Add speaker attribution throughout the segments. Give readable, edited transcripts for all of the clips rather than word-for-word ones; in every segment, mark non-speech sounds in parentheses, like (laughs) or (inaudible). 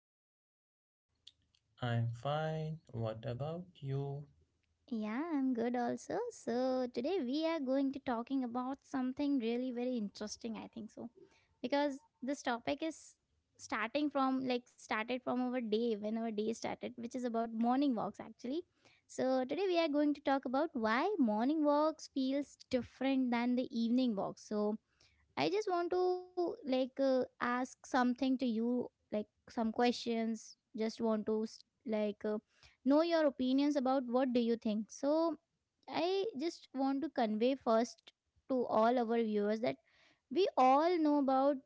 Speaker 1: you?
Speaker 2: I'm fine. What about you?
Speaker 1: Yeah, I'm good also. So, today we are going to talking about something really very interesting, I think so. Because this topic is starting from started from our day when our day started, which is about morning walks actually. So, today we are going to talk about why morning walks feels different than the evening walks. So, I just want to ask something to you, like some questions. Just want to like uh, know your opinions about what do you think. So I just want to convey first to all our viewers that we all know about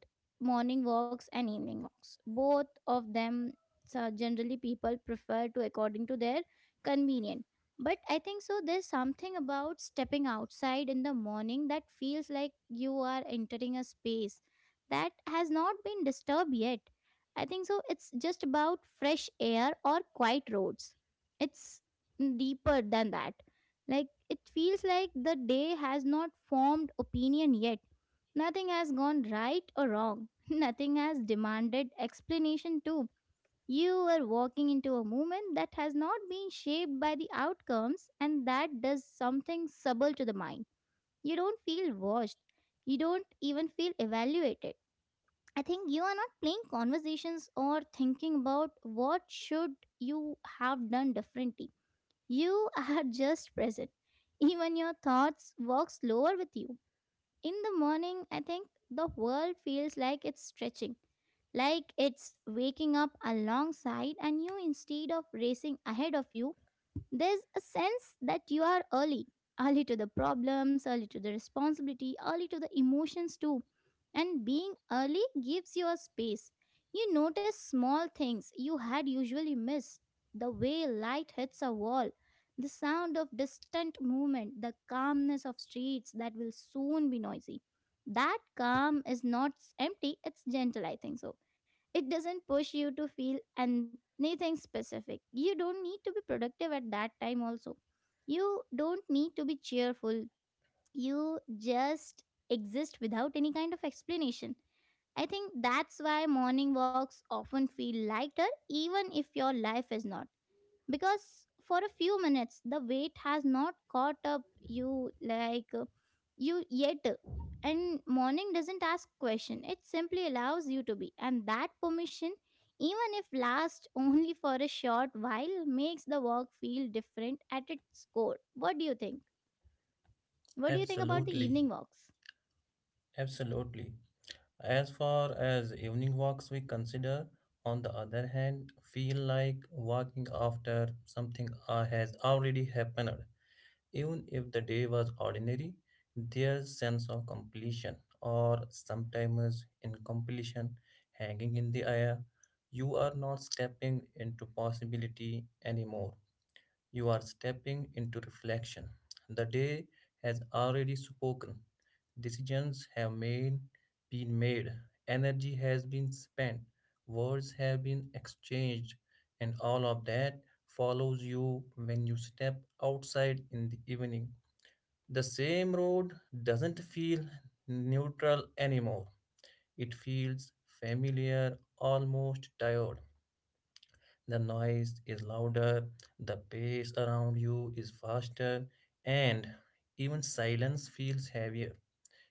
Speaker 1: morning walks and evening walks. Both of them so generally people prefer to according to their convenient. But I think so there's something about stepping outside in the morning that feels like you are entering a space that has not been disturbed yet. I think so it's just about fresh air or quiet roads. It's deeper than that. Like it feels like the day has not formed opinion yet. Nothing has gone right or wrong. (laughs) Nothing has demanded explanation, too. You are walking into a moment that has not been shaped by the outcomes, and that does something subtle to the mind. You don't feel watched. You don't even feel evaluated. I think you are not playing conversations or thinking about what should you have done differently. You (laughs) are just present. Even your thoughts walk slower with you. In the morning, I think the world feels like it's stretching, like it's waking up alongside and you instead of racing ahead of you. There's a sense that you are early, early to the problems, early to the responsibility, early to the emotions too. And being early gives you a space. You notice small things you had usually missed, the way light hits a wall, the sound of distant movement, the calmness of streets that will soon be noisy. That calm is not empty, it's gentle, I think so. It doesn't push you to feel anything specific. You don't need to be productive at that time, also. You don't need to be cheerful. You just exist without any kind of explanation. I think that's why morning walks often feel lighter, even if your life is not, because for a few minutes the weight has not caught up you like uh, you yet. And morning doesn't ask question, it simply allows you to be, and that permission, even if lasts (laughs) only for a short while, makes the walk feel different at its core. What do you think? What do you think about the
Speaker 2: Absolutely.
Speaker 1: evening walks?
Speaker 2: Absolutely. As far as evening walks we consider, on the other hand, feel like walking after something has already happened. Even if the day was ordinary, there's sense of completion or sometimes incompletion hanging in the air. You are not stepping into possibility anymore. You are stepping into reflection. The day has already spoken. Decisions have made, been made. Energy has been spent. Words have been exchanged. And all of that follows you when you step outside in the evening. The same road doesn't feel neutral anymore. It feels familiar, almost tired. The noise is louder, the pace around you is faster, and even silence feels heavier.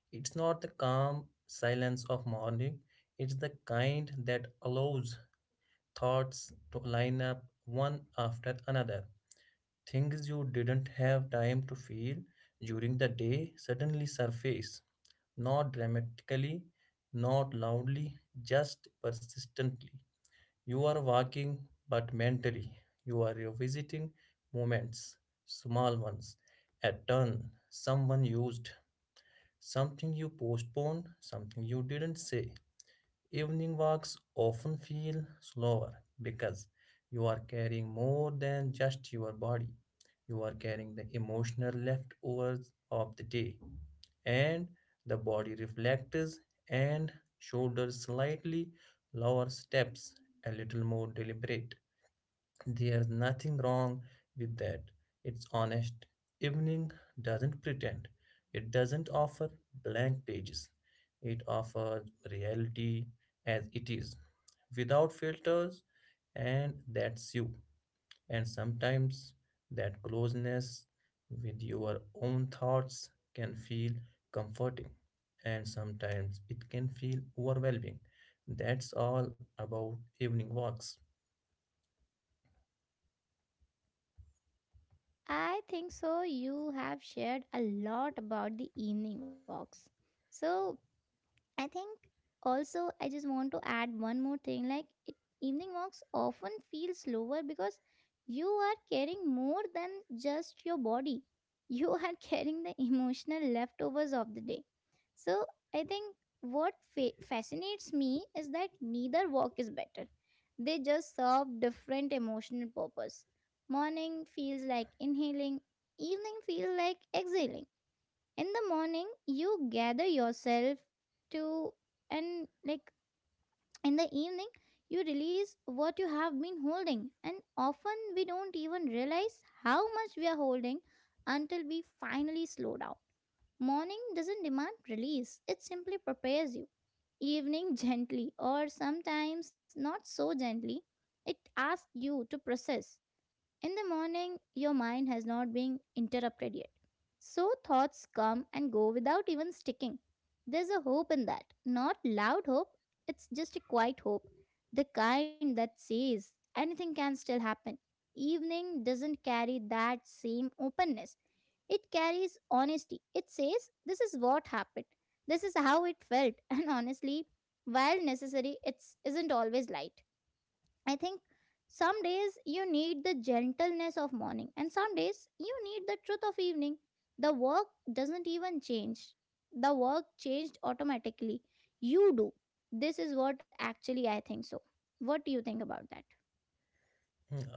Speaker 2: It's not the calm silence of morning, it's the kind that allows thoughts to line up one after another. Things you didn't have time to feel during the day suddenly surface, not dramatically, not loudly, just persistently. You are walking, but mentally, you are revisiting moments, small ones, a turn someone used, something you postponed, something you didn't say. Evening walks often feel slower because you are carrying more than just your body. You are carrying the emotional leftovers of the day, and the body reflects and shoulders slightly lower steps, a little more deliberate. There's nothing wrong with that. It's honest. Evening doesn't pretend. It doesn't offer blank pages. It offers reality as it is, without filters, and that's you. And sometimes that closeness with your own thoughts can feel comforting, and sometimes it can feel overwhelming. That's all about evening walks.
Speaker 1: I think so. You have shared a lot about the evening walks. So, I think also I just want to add one more thing like it, evening walks often feel slower because you are carrying more than just your body. You are (laughs) carrying the emotional leftovers of the day. So I think what fascinates me is that neither walk is better. They just serve different emotional purpose. Morning feels like inhaling, evening feels like exhaling. In the morning you gather yourself to, and like in the evening you release what you have been holding, and often we don't even realize how much we are holding until we finally slow down. Morning doesn't demand release, it simply prepares you. Evening, (laughs) gently or sometimes not so gently, it asks you to process. In the morning, your mind has not been interrupted yet. So thoughts come and go without even sticking. There's a hope in that. Not loud hope, it's just a quiet hope. The kind that says anything can still happen. Evening doesn't carry that same openness. It carries honesty. It says, "This is what happened. This is how it felt." (laughs) And honestly, while necessary, it isn't always light. I think some days you need the gentleness of morning, and some days you need the truth of evening. The work doesn't even change, the work changed automatically. You do. This is what actually I think so. What do you think about that?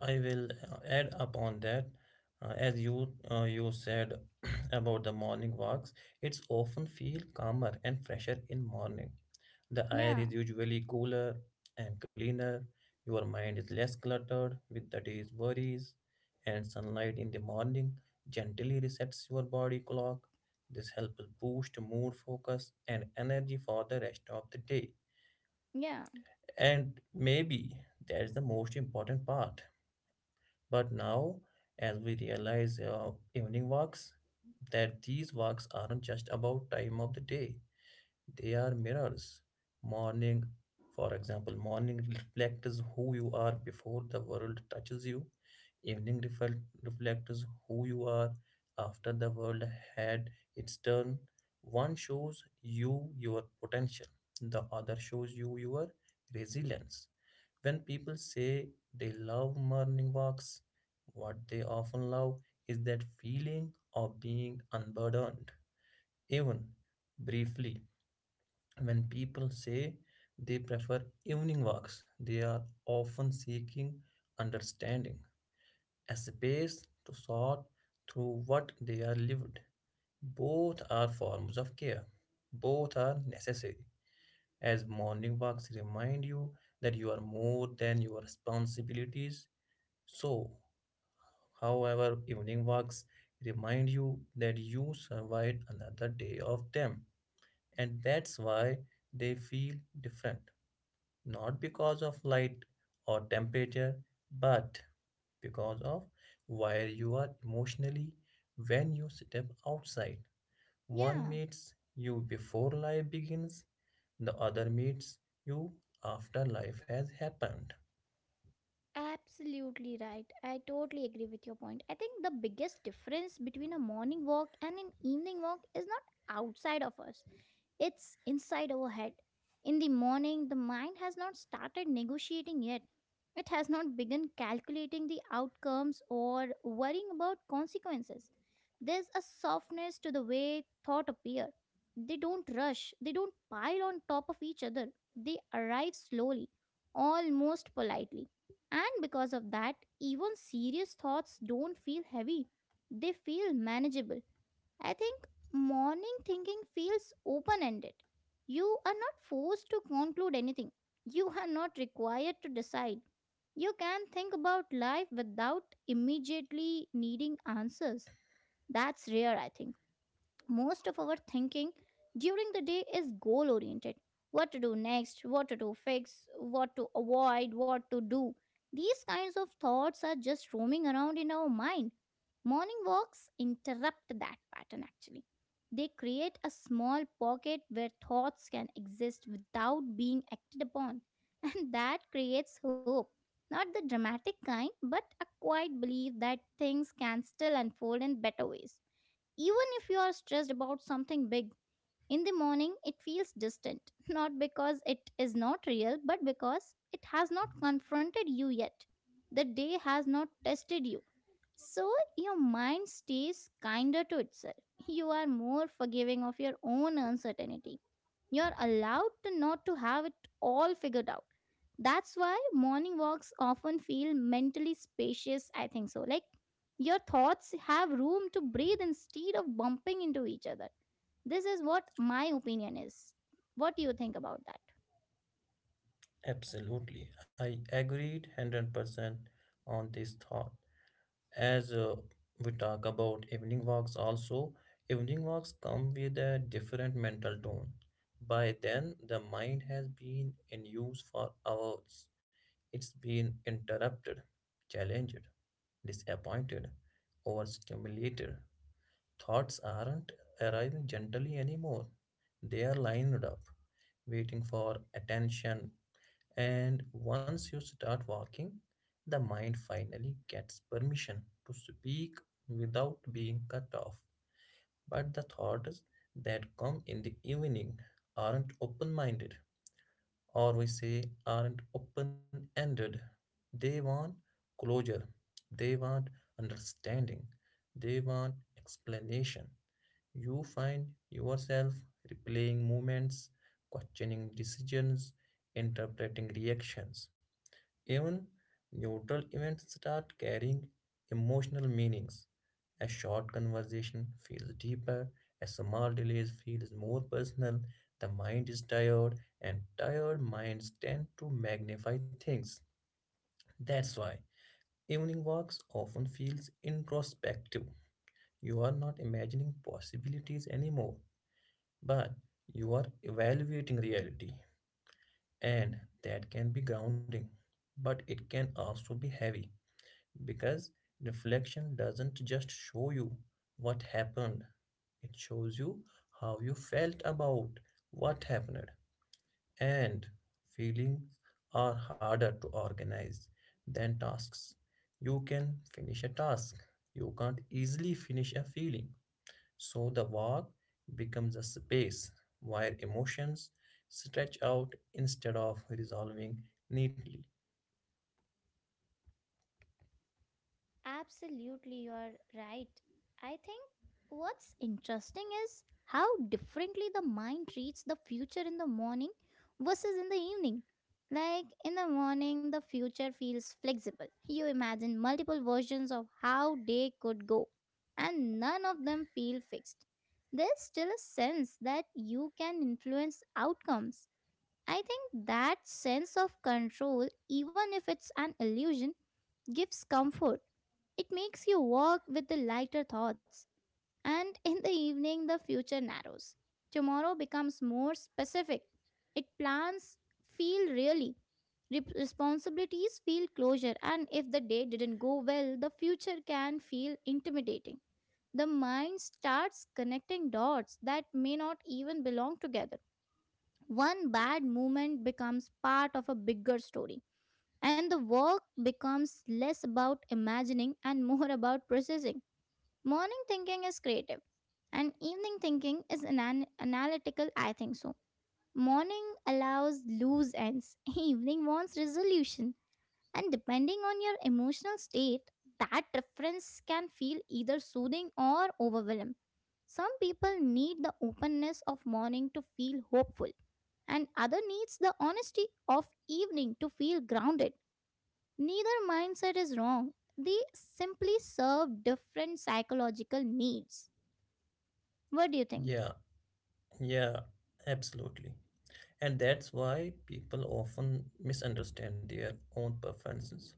Speaker 2: I will add upon that. As you said (clears throat) about the morning walks, it's often feel calmer and fresher in morning. The air
Speaker 1: Yeah,
Speaker 2: is usually cooler and cleaner. Your mind is less cluttered with the day's worries, and sunlight in the morning gently resets your body clock. This helps boost mood, focus, and energy for the rest of the day.
Speaker 1: yeah,
Speaker 2: And maybe that's the most important part. But now, as we realize evening walks, that these walks aren't just about time of the day. They are mirrors. Morning, for example, morning reflects who you are before the world touches you. Evening reflects who you are after the world had its turn. One shows you your potential, the other shows you your resilience. When people say they love morning walks, what they often love is that feeling of being unburdened, even briefly. When people say they prefer evening walks, they are often seeking understanding, a space to sort through what they are lived. Both are forms of care. Both are necessary, as morning walks remind you that you are more than your responsibilities. So, however, evening walks remind you that you survived another day of them, and that's why they feel different. Not because of light or temperature, but because of where you are emotionally when you step outside. One
Speaker 1: yeah.
Speaker 2: meets you before life begins, the other meets you after life has happened.
Speaker 1: Absolutely right. I totally agree with your point. I think the biggest difference between a morning walk and an evening walk is not outside of us, it's inside our head. In the morning, the mind has not started negotiating yet. It has not begun calculating the outcomes or worrying about consequences. There's a softness to the way thought appear. They don't rush, they don't pile on top of each other. They arrive slowly, almost politely, and because of that, even serious thoughts don't feel heavy, they feel manageable. I think morning thinking feels open ended. You are not forced to conclude anything, you are not required to decide. You can think about life without immediately needing answers. That's rare, I think. Most of our thinking during the day is goal oriented, what to do next, what to do fix, what to avoid, what to do. These kinds of thoughts are just roaming around in our mind. Morning walks interrupt that pattern actually. They create a small pocket where thoughts can exist without being acted upon. (laughs) And that creates hope. Not the dramatic kind, but a quiet belief that things can still unfold in better ways, even if you are stressed about something big. In the morning, it feels distant, (laughs) not because it is not real, but because it has not confronted you yet. The day has not tested you. So your mind stays kinder to itself. You are more forgiving of your own uncertainty. You are allowed to not to have it all figured out. That's why morning walks often feel mentally spacious, I think so. Like your thoughts have room to breathe instead of bumping into each other. This is what my opinion is. What do you think about that?
Speaker 2: Absolutely, I agreed 100% on this thought. As we talk about evening walks also, evening walks come with a different mental tone. By then the mind has been in use for hours. It's been interrupted, challenged, disappointed, overstimulated. Thoughts aren't arriving gently anymore, they are lined up waiting for attention, and once you start walking, the mind finally gets permission to speak without being cut off. But the thoughts that come in the evening aren't open minded, or we say aren't open ended. They want closure, they want understanding, they want explanation. You find yourself replaying moments, questioning decisions, interpreting reactions. Even neutral events start carrying emotional meanings. A short conversation feels deeper, a small delay feels more personal. The mind is tired, and tired minds tend to magnify things. That's why evening walks often feels introspective. You are not imagining possibilities anymore, but you are evaluating reality, and that can be grounding, but it can also be heavy. Because reflection doesn't just show you what happened, it shows you how you felt about what happened. And feelings are harder to organize than tasks. You can finish a task, you can't easily finish a feeling. So the work becomes a space where emotions stretch out instead of resolving neatly.
Speaker 1: Absolutely, you're right. I think, what's interesting is how differently the mind treats the future in the morning versus in the evening. Like in the morning, the future feels flexible. You imagine multiple versions of how day could go, and none of them feel fixed. There's still a sense that you can influence outcomes. I think that sense of control, even if it's an illusion, gives comfort. It makes you walk with the lighter thoughts, and (laughs) in the evening, the future narrows. Tomorrow becomes more specific. It plans feel really. Responsibilities feel closure, and if the day didn't go well, the future can feel intimidating. The mind starts connecting dots that may not even belong together. One bad movement becomes part of a bigger story, and the work becomes less about imagining (laughs) and more about processing. Morning thinking is creative, and evening thinking is analytical, I think so. Morning allows loose ends, (laughs) evening wants resolution, and depending on your emotional state, that difference can feel either soothing or overwhelming. Some people need the openness of morning to feel hopeful, and other needs the honesty of evening to feel grounded. Neither mindset is wrong. They simply serve different psychological needs. What do you think?
Speaker 2: Yeah, yeah, absolutely. And that's why people often misunderstand their own preferences.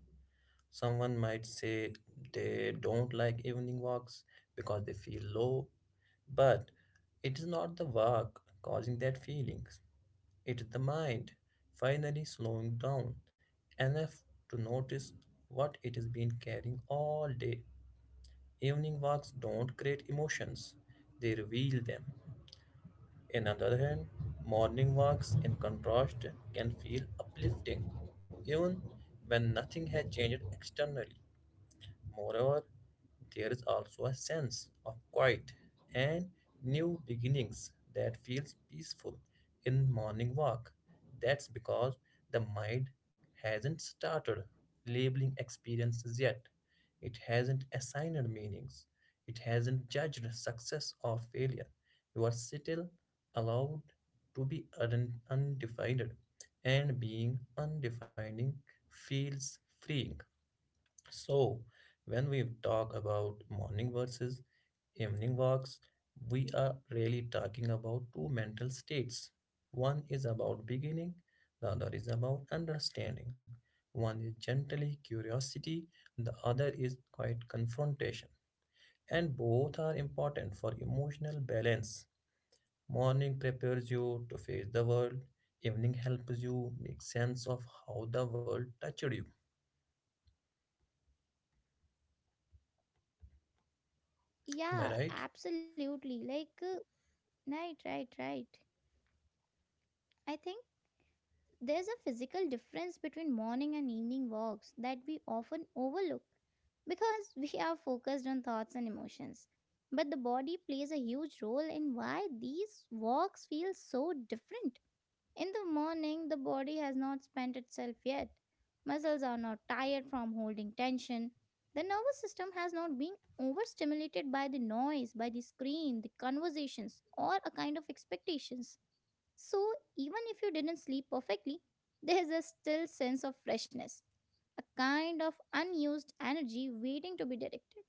Speaker 2: Someone might say they don't like evening walks because they feel low, but it is not the walk causing that feeling. It is the mind finally slowing down enough to notice what it has been carrying all day. Evening walks don't create emotions, they reveal them. In other hand, morning walks, in contrast, can feel uplifting even when nothing has changed externally. Moreover, there is also a sense of quiet and new beginnings that feels peaceful in morning walk. That's because the mind hasn't started labeling experiences yet. It hasn't assigned meanings. It hasn't judged success or failure. You are still allowed to be undefined, and being undefining feels freeing. So, when we talk about morning versus evening walks, we are really talking about two mental states. One is about beginning, the other is about understanding. One is gently curiosity, the other is quite confrontation. And both are important for emotional balance. Morning prepares you to face the world, evening helps you make sense of how the world touched you. Am I
Speaker 1: Yeah,
Speaker 2: right?
Speaker 1: absolutely. Right, right, right. I think. There's a physical difference between morning and evening walks that we often overlook, because (laughs) we are focused on thoughts and emotions. But the body plays a huge role in why these walks feel so different. In the morning, the body has not spent itself yet. Muscles are not tired from holding tension. The nervous system has not been overstimulated by the noise, by the screen, the conversations, or a kind of expectations. So, even if you didn't sleep perfectly, there is a still sense of freshness, a kind of unused energy waiting to be directed.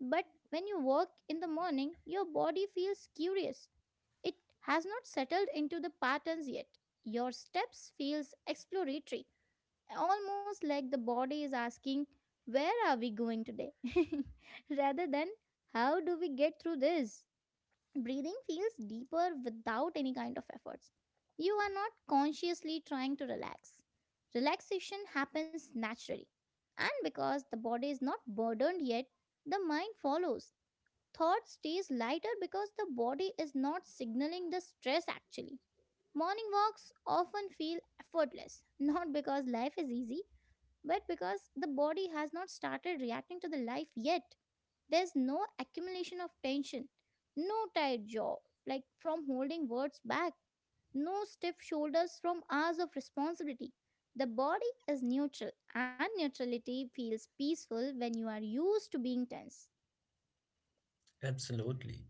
Speaker 1: But when you work in the morning, your body feels curious. It has not settled into the patterns yet. Your steps feels exploratory, almost like the body is asking, "Where are we going today?" (laughs) rather than, "How do we get through this?" Breathing feels deeper without any kind of efforts. You are not consciously trying to relax. Relaxation happens naturally. And because the body is not burdened yet, the mind follows. Thought stays lighter because the body is not signaling the stress actually. Morning walks often feel effortless, not because life is easy, but because the body has not started reacting to the life yet. There's no accumulation of tension, no tight jaw, like from holding words back, no stiff shoulders from hours of responsibility. The body is neutral, and neutrality feels peaceful when you are used to being tense.
Speaker 2: Absolutely.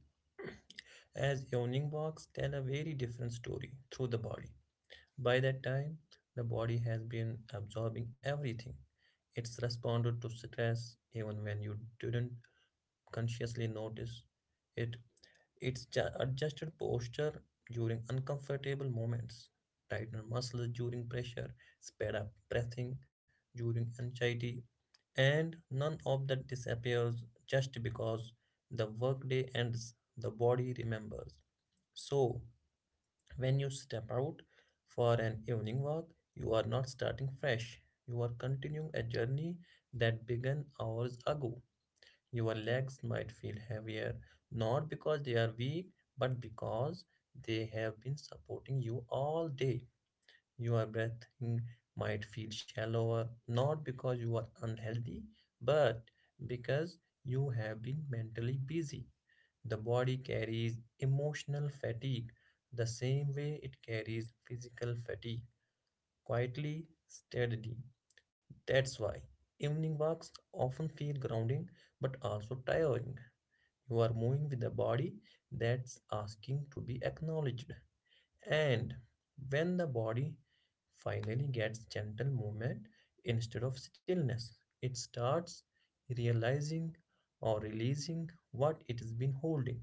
Speaker 2: As yawning box tell a very different story through the body. By that time, the body has been absorbing everything. It's responded to stress even when you didn't consciously notice it. It's adjusted posture during uncomfortable moments, tightened muscles during pressure, sped up breathing during anxiety, and none of that disappears just because the workday ends. The body remembers. So, when you step out for an evening walk, you are not starting fresh. You are continuing a journey that began hours ago. Your legs might feel heavier, not because they are weak, but because they have been supporting you all day. Your breathing might feel shallower, not because you are unhealthy, but because you have been mentally busy. The body carries emotional fatigue the same way it carries physical fatigue, quietly, steadily. That's why evening walks often feel grounding but also tiring. You are moving with a body that's asking to be acknowledged. And when the body finally gets gentle movement instead of stillness, it starts realizing or releasing what it has been holding.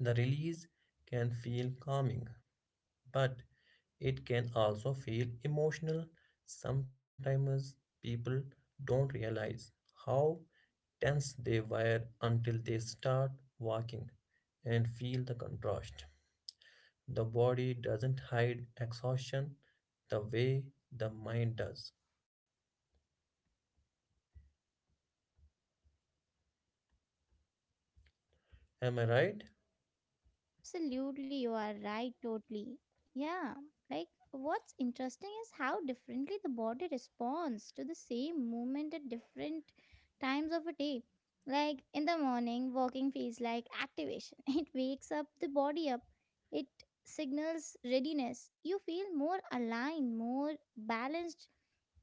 Speaker 2: The release can feel calming, but it can also feel emotional. Sometimes people don't realize how tense they were until they start walking and feel the contrast. The body doesn't hide exhaustion the way the mind does. Am I right?
Speaker 1: Absolutely, you are right, totally. Yeah, like what's interesting is how differently the body responds to the same movement at different times of a day. Like in the morning, walking feels like activation, (laughs) it wakes up the body up, it signals readiness. You feel more aligned, more balanced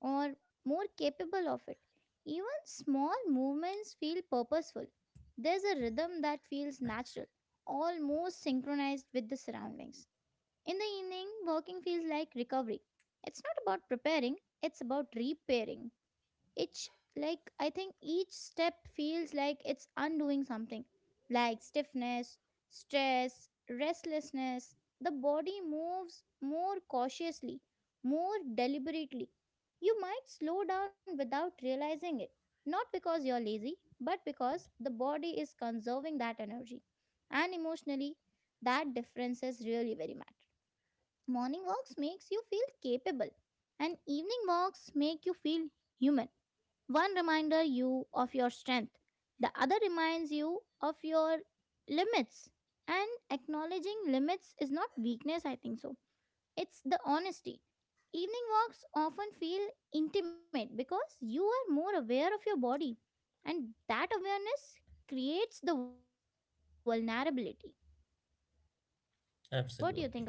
Speaker 1: or more capable of it. Even small movements feel purposeful. There's a rhythm that feels natural, almost synchronized with the surroundings. In the evening, walking feels like recovery. It's not about preparing, it's about repairing. Each each step feels like it's undoing something. Like stiffness, stress, restlessness. The body moves more cautiously, more deliberately. You might slow down without realizing it. Not because you're lazy, but because the body is conserving that energy. And emotionally, that difference is really very much. Morning walks makes you feel capable, and evening walks make you feel human, one reminder you of your strength, the other reminds you of your limits. And acknowledging limits is not weakness, I think so. It's the honesty. Evening walks often feel intimate because you are more aware of your body, and that awareness creates the vulnerability. What do you think about that?
Speaker 2: Absolutely.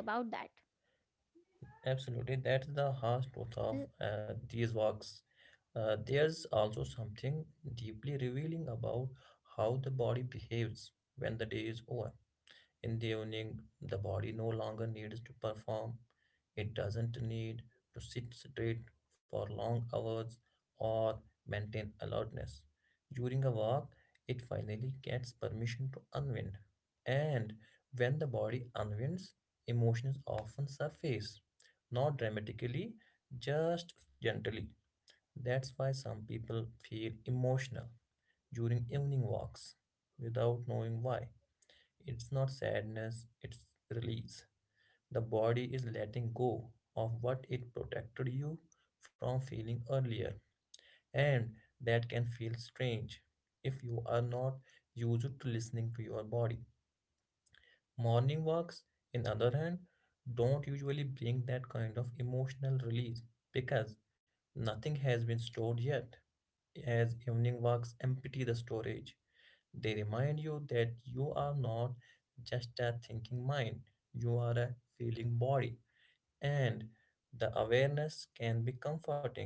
Speaker 2: Absolutely, that's the harsh
Speaker 1: Uh,
Speaker 2: truth of these walks. There's also something deeply revealing about how the body behaves when the day is over. In the evening, the body no longer needs to perform. It doesn't need to sit straight for long hours or maintain alertness. During a walk, it finally gets permission to unwind. And when the body unwinds, emotions often surface. Not dramatically, just gently. That's why some people feel emotional during evening walks without knowing why. It's not sadness, it's release. The body is letting go of what it protected you from feeling earlier, and that can feel strange if you are not used to listening to your body. Morning walks, in other hand, don't usually bring that kind of emotional release because nothing has been stored yet, as evening walks empty the storage. They remind you that you are not just a thinking mind, you are a feeling body. And the awareness can be comforting,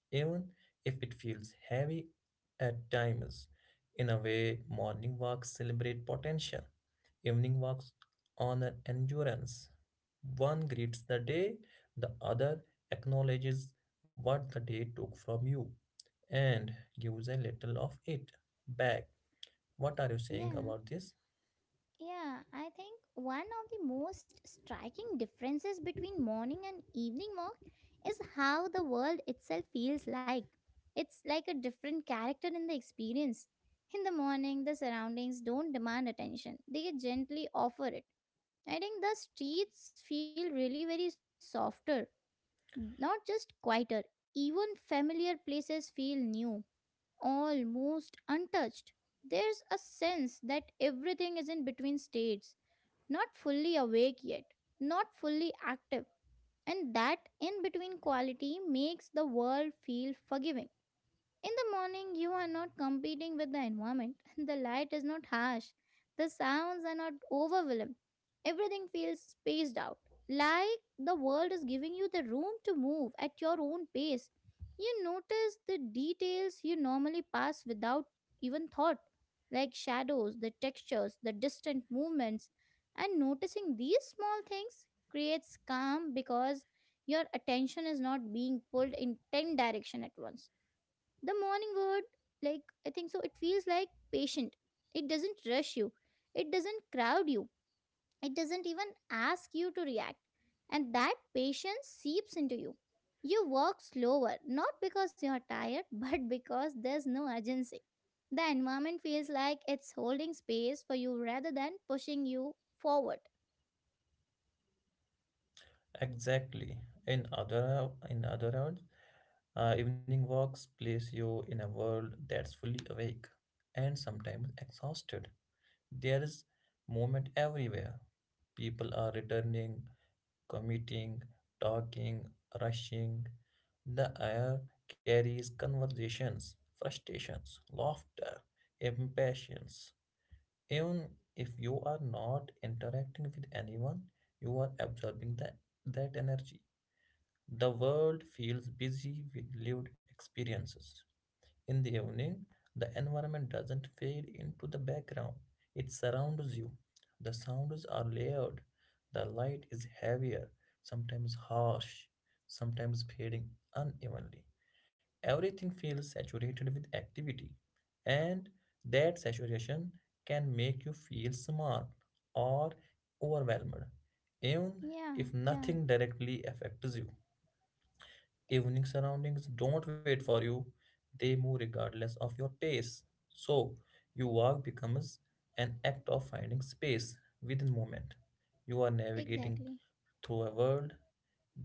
Speaker 2: even if it feels heavy at times. In a way, morning walks celebrate potential, evening walks honor endurance. One greets the day, the other acknowledges what the day took from you and gives a little of it back. What are you saying
Speaker 1: yeah,
Speaker 2: about this?
Speaker 1: Yeah, I think one of the most striking differences between morning and evening walk is how the world itself feels like. It's like a different character in the experience. In the morning, the surroundings don't demand attention, they gently offer it. I think the streets feel really very softer, not just quieter. Even familiar places feel new, almost untouched. There's a sense that everything is in between states, not fully awake yet, not fully active. And that in between quality makes the world feel forgiving. In the morning, you are not competing with the environment. (laughs) The light is not harsh. The sounds are not overwhelming. Everything feels spaced out. Like the world is giving you the room to move at your own pace. You notice the details you normally pass without even thought, like shadows, the textures, the distant movements. And noticing these small things creates calm because your attention is not being pulled in 10 directions at once. The morning word, it feels like patient. It doesn't rush you, it doesn't crowd you, it doesn't even ask you to react. And that patience seeps into you. You walk slower, not because you're tired, (laughs) but because there's no urgency. The environment feels like it's holding space for you rather than pushing you forward.
Speaker 2: Exactly. In other words, evening walks place you in a world that's fully awake and sometimes exhausted. There is movement everywhere. People are returning, commuting, talking, rushing. The air carries conversations, frustrations, laughter, impatience. Even if you are not interacting with anyone, you are absorbing that energy. The world feels busy with lived experiences. In the evening, the environment doesn't fade into the background, it surrounds you. The sounds are layered, the light is heavier, sometimes harsh, sometimes fading unevenly. Everything feels saturated with activity, and that saturation can make you feel small or overwhelmed, even
Speaker 1: Yeah,
Speaker 2: if
Speaker 1: yeah,
Speaker 2: nothing directly affects you. Evening surroundings don't wait for you, they move regardless of your pace. So, your walk becomes an act of finding space within movement. You are navigating
Speaker 1: exactly.
Speaker 2: through a world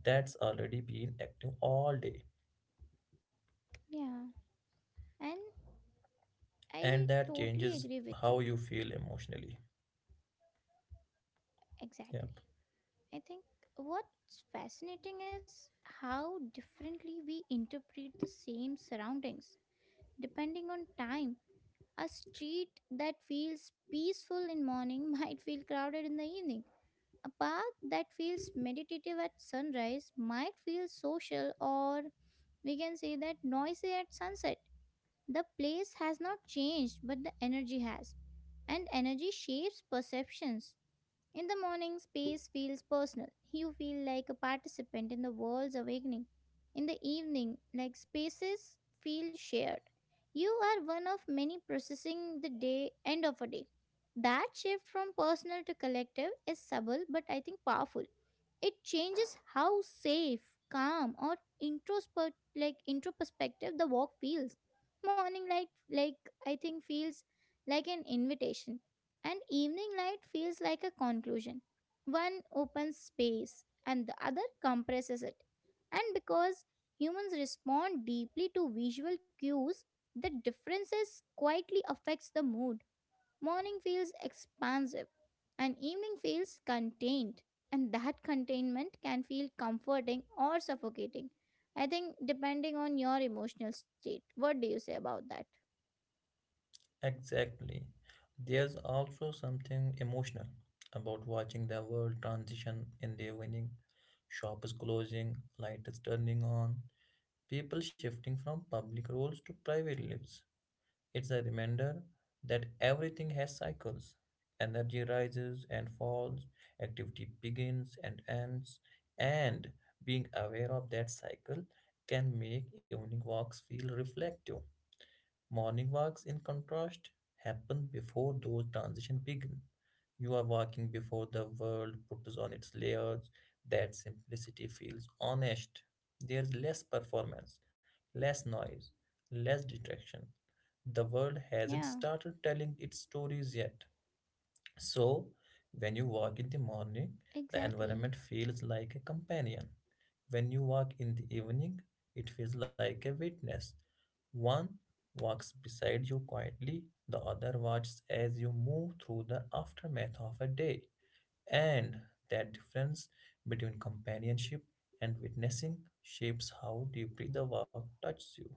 Speaker 2: that's already been active all day.
Speaker 1: Yeah, and
Speaker 2: And
Speaker 1: I
Speaker 2: that
Speaker 1: totally
Speaker 2: changes
Speaker 1: agree with
Speaker 2: how
Speaker 1: you.
Speaker 2: you feel emotionally.
Speaker 1: Exactly.
Speaker 2: Yep,
Speaker 1: I think what's fascinating is how differently we interpret the same surroundings. Depending on time, a street that feels peaceful in morning (laughs) might feel crowded in the evening. A park that feels meditative at sunrise might feel social, or we can say that noisy at sunset. The place has not changed, but the energy has. And energy shapes perceptions. In the morning, space feels personal. You feel like a participant in the world's awakening. In the evening, like spaces feel shared. You are one of many processing the day end of a day. That shift from personal to collective is subtle but I think powerful. It changes how safe, calm or introspective the walk feels. Morning light, like I think, feels like an invitation, and evening light feels like a conclusion. One opens space and the other compresses it. And because humans respond deeply to visual cues, the differences quietly affects the mood. Morning feels expansive and evening feels contained, and that containment can feel comforting or suffocating. I think depending on your emotional state. What do you say about that?
Speaker 2: exactly. There's also something emotional about watching the world transition in their winning, shops closing, light is turning on, people shifting from public roles to private lives. It's a reminder that everything has cycles. Energy rises and falls, activity begins and ends, and being aware of that cycle can make evening walks feel reflective. Morning walks, in contrast, happen before those transitions begin. You are walking before the world puts on its layers. That simplicity feels honest. There is less performance, less noise, less distraction. The world
Speaker 1: Yeah,
Speaker 2: hasn't started telling its stories yet. So, when you walk in the morning, the
Speaker 1: exactly.
Speaker 2: environment feels like a companion. When you walk in the evening, it feels like a witness. One walks beside you quietly, the other watches as you move through the aftermath of a day. And that difference between companionship and witnessing shapes how deeply the walk touches you.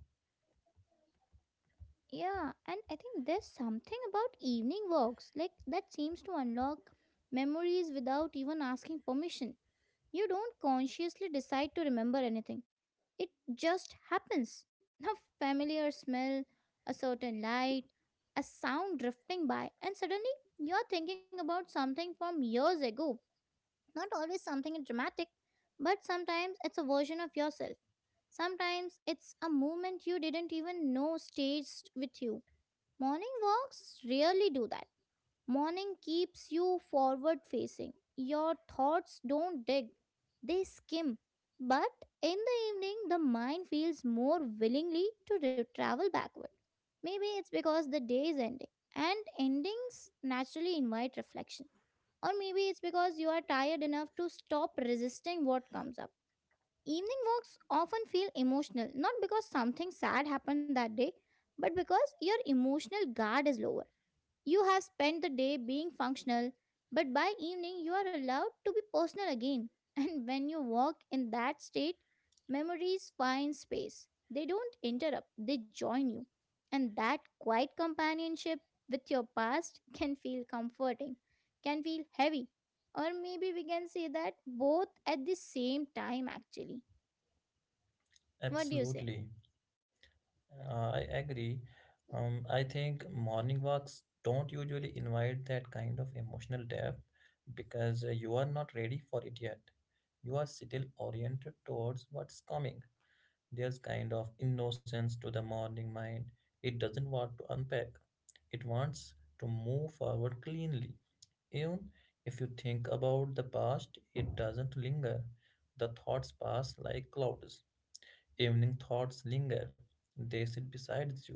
Speaker 1: Yeah, and I think there's something about evening walks, like that seems to unlock memories without even asking permission. You don't consciously decide to remember anything, it just happens. (laughs) A familiar smell, a certain light, a sound drifting by, and suddenly you're thinking about something from years ago. Not always something dramatic, but sometimes it's a version of yourself. Sometimes it's a moment you didn't even know staged with you. Morning walks really do that. Morning keeps you forward facing. Your thoughts don't dig, they skim. But in the evening, the mind feels more willingly to travel backward. Maybe it's because the day is ending, and endings naturally invite reflection. Or maybe it's because you are tired enough to stop resisting what comes up. Evening walks often feel emotional, not because something sad happened that day, but because your emotional guard is lower. You have spent the day being functional, but by evening you are allowed to be personal again. (laughs) And when you walk in that state, memories find space. They don't interrupt, they join you. And that quiet companionship with your past (laughs) can feel comforting, can feel heavy. Or maybe we can say that both at the same time, actually. What do you say?
Speaker 2: Absolutely. I agree. I think morning walks don't usually invite that kind of emotional depth because you are not ready for it yet. You are still oriented towards what's coming. There's kind of innocence to the morning mind. It doesn't want to unpack. It wants to move forward cleanly. Even if you think about the past, it doesn't linger. The thoughts pass like clouds. Evening thoughts linger. They sit beside you.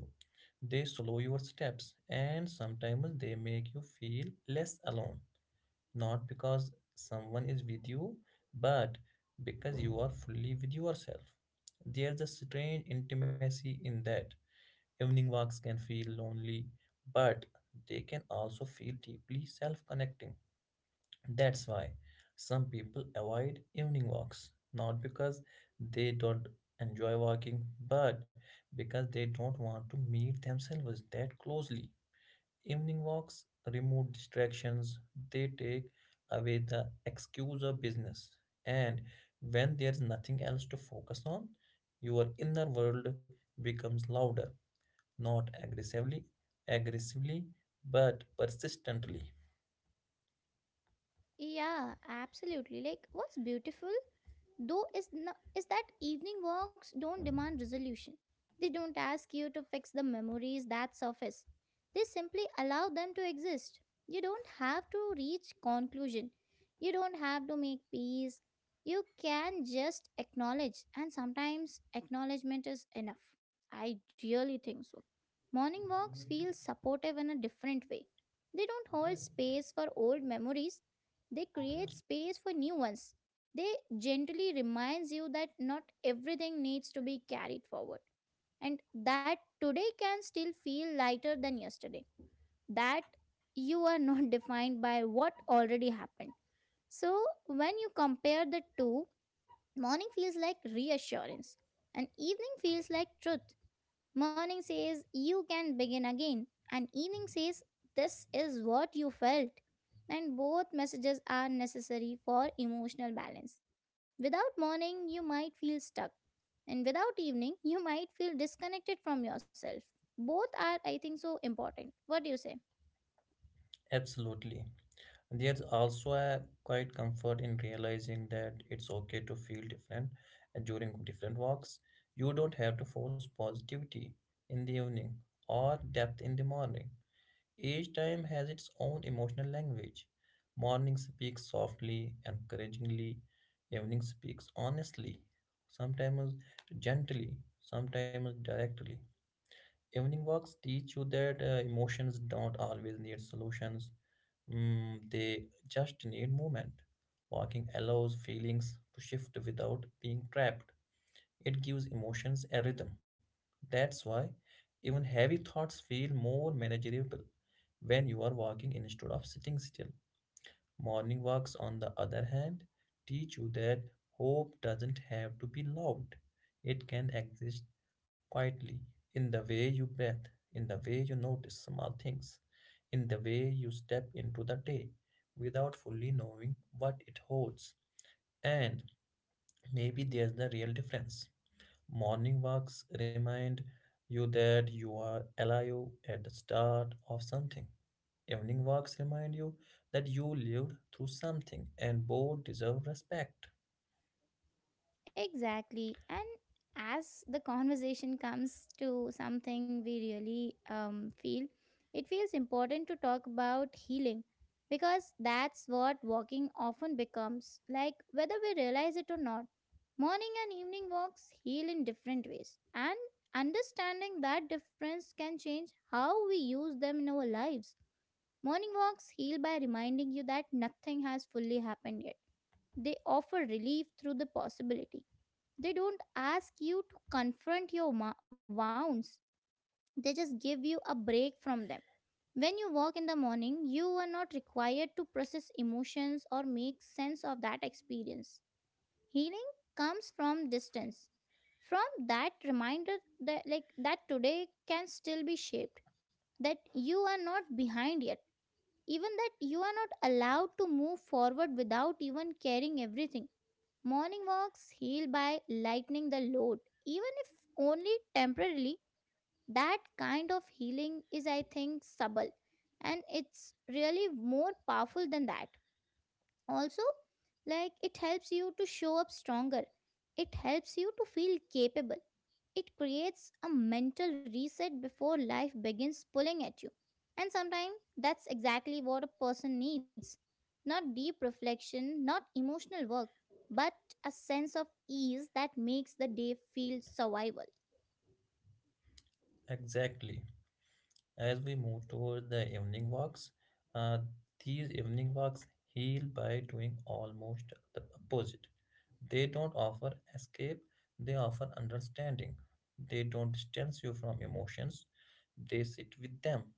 Speaker 2: They slow your steps, and sometimes they make you feel less alone. Not because someone is with you, but because you are fully with yourself. There's a strange intimacy in that. Evening walks can feel lonely, but they can also feel deeply self connecting. That's why some people avoid evening walks, not because they don't enjoy walking, but because they don't want to meet themselves that closely. Evening walks remove distractions, they take away the excuse of business. And when there's nothing else to focus on, your inner world becomes louder, not aggressively, aggressively, but persistently.
Speaker 1: Yeah, absolutely. Like, what's beautiful, though, is, is that evening walks don't demand resolution. They don't ask you to fix the memories that surface, they simply allow them to exist. You don't have to reach conclusion, you don't have to make peace. You can just acknowledge, and sometimes acknowledgement is enough. I really think so. Morning walks feel supportive in a different way. They don't hold space for old memories, they create space for new ones. They gently reminds you that not everything needs to be carried forward, and that today can still feel lighter than yesterday. That you are not (laughs) defined by what already happened. So, when you compare the two, morning feels like reassurance, and evening feels like truth. Morning says, "You can begin again," and evening says, "This is what you felt." And both messages are necessary for emotional balance. Without morning, you might feel stuck, and without evening, you might feel disconnected from yourself. Both are, I think, so important. What do you say?
Speaker 2: Absolutely. There's also a quite comfort in realizing that it's okay to feel different during different walks. You don't have to force positivity in the evening or depth in the morning. Each time has its own emotional language. Morning speaks softly, encouragingly. Evening speaks honestly, sometimes gently, sometimes directly. Evening walks teach you that emotions don't always need solutions. Mm, they just need movement. Walking allows feelings to shift without being trapped. It gives emotions a rhythm. That's why even heavy thoughts feel more manageable when you are walking instead of sitting still. Morning walks, on the other hand, teach you that hope doesn't have to be loud. It can exist quietly, in the way you breathe, in the way you notice small things, in the way you step into the day without fully knowing what it holds. And maybe there's the real difference. Morning walks remind you that you are alive at the start of something. Evening walks remind you that you lived through something, and both deserve respect.
Speaker 1: Exactly. And as the conversation comes to something we really feel, it feels important to talk about healing because that's what walking often becomes, like whether we realize it or not. Morning and evening walks heal in different ways, and understanding that difference can change how we use them in our lives. Morning walks heal by reminding you that nothing has fully happened yet. They offer relief through the possibility. They don't ask you to confront your wounds, they just give you a break from them. When you walk in the morning, you are not required to process emotions or make sense of that experience. Healing comes from distance, from that reminder that like that today can still be shaped, that you are not behind yet, even that you are not allowed to move forward without even carrying everything. Morning walks heal by lightening the load, even if only temporarily. That kind of healing is, I think, subtle, and it's really more powerful than that also. Like, it helps you to show up stronger, it helps you to feel capable. It creates a mental reset before life begins pulling at you, and sometimes that's exactly what a person needs. Not deep reflection, not emotional work, but a sense of ease that makes the day feel survival.
Speaker 2: Exactly. As we move toward the evening walks, uh, these evening walks heal by doing almost the opposite. They don't offer escape, they offer understanding. They don't distance you from emotions, they sit with them.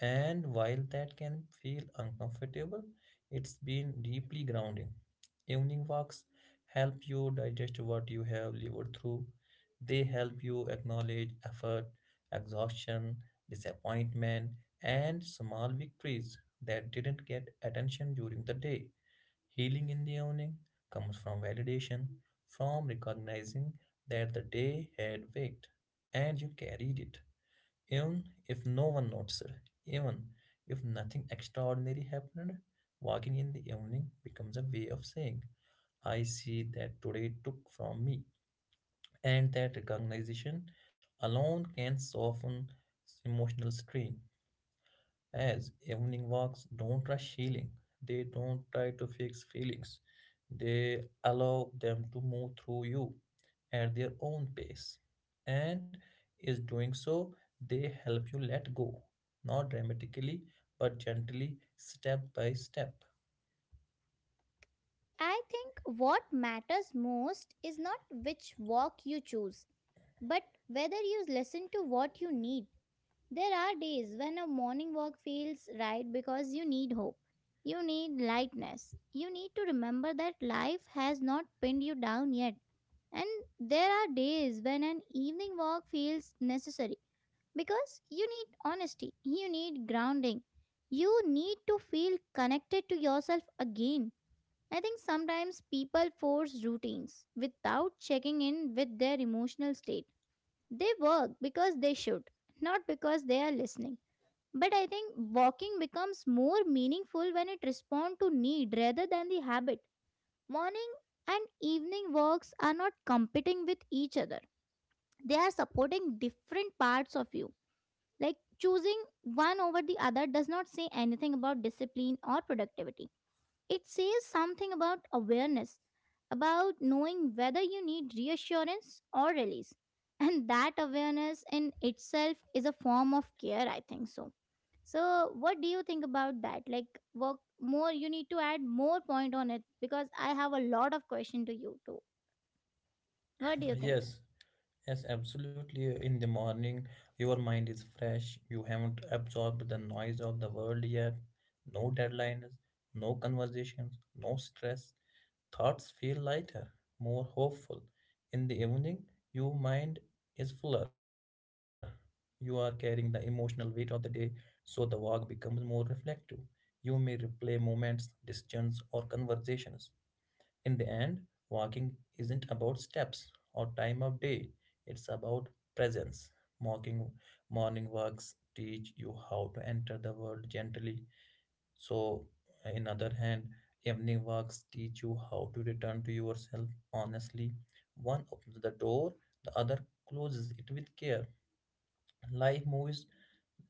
Speaker 2: And while that can feel uncomfortable, it's been deeply grounding. Evening walks help you digest what you have lived through. They help you acknowledge effort, exhaustion, disappointment, and small victories that didn't get attention during the day. Healing in the evening comes from validation, from recognizing that the day had waked and you carried it. Even if no one noticed, even if nothing extraordinary happened, walking in the evening becomes a way of saying, I see that today took from me. And that recognition alone can soften emotional strain. As evening walks don't rush healing, they don't try to fix feelings, they allow them to move through you at their own pace. And is doing so, they help you let go, not dramatically, but gently, step by step.
Speaker 1: I think what matters most is not which walk you choose, but whether you listen to what you need. There are days when a morning walk feels right because you need hope. You need lightness. You need to remember that life has not pinned you down yet. And there are days when an evening walk feels necessary because you need honesty, you need grounding, you need to feel connected to yourself again. I think sometimes people force routines without checking in with their emotional state. They work because they should, not because they are listening. But I think walking becomes more meaningful when it responds to need rather than the habit. Morning and evening walks are not competing with each other. They are supporting different parts of you. Like choosing one over the other does not say anything about discipline or productivity. It says something about awareness, about knowing whether you need reassurance or release. (laughs) And that awareness in itself is a form of care, I think so. So, what do you think about that? Like, work more, you need to add more point on it because I have a lot of question to you too. What do you think?
Speaker 2: Yes, yes, absolutely. In the morning, your mind is fresh. You haven't absorbed the noise of the world yet. No deadlines, no conversations, no stress. Thoughts feel lighter, more hopeful. In the evening, your mind is fuller. You are carrying the emotional weight of the day, so the walk becomes more reflective. You may replay moments, decisions, or conversations. In the end, walking isn't about steps or time of day, it's about presence. Walking, morning walks teach you how to enter the world gently. So, in other hand, evening walks teach you how to return to yourself honestly. One opens the door, the other closes it with care. Life moves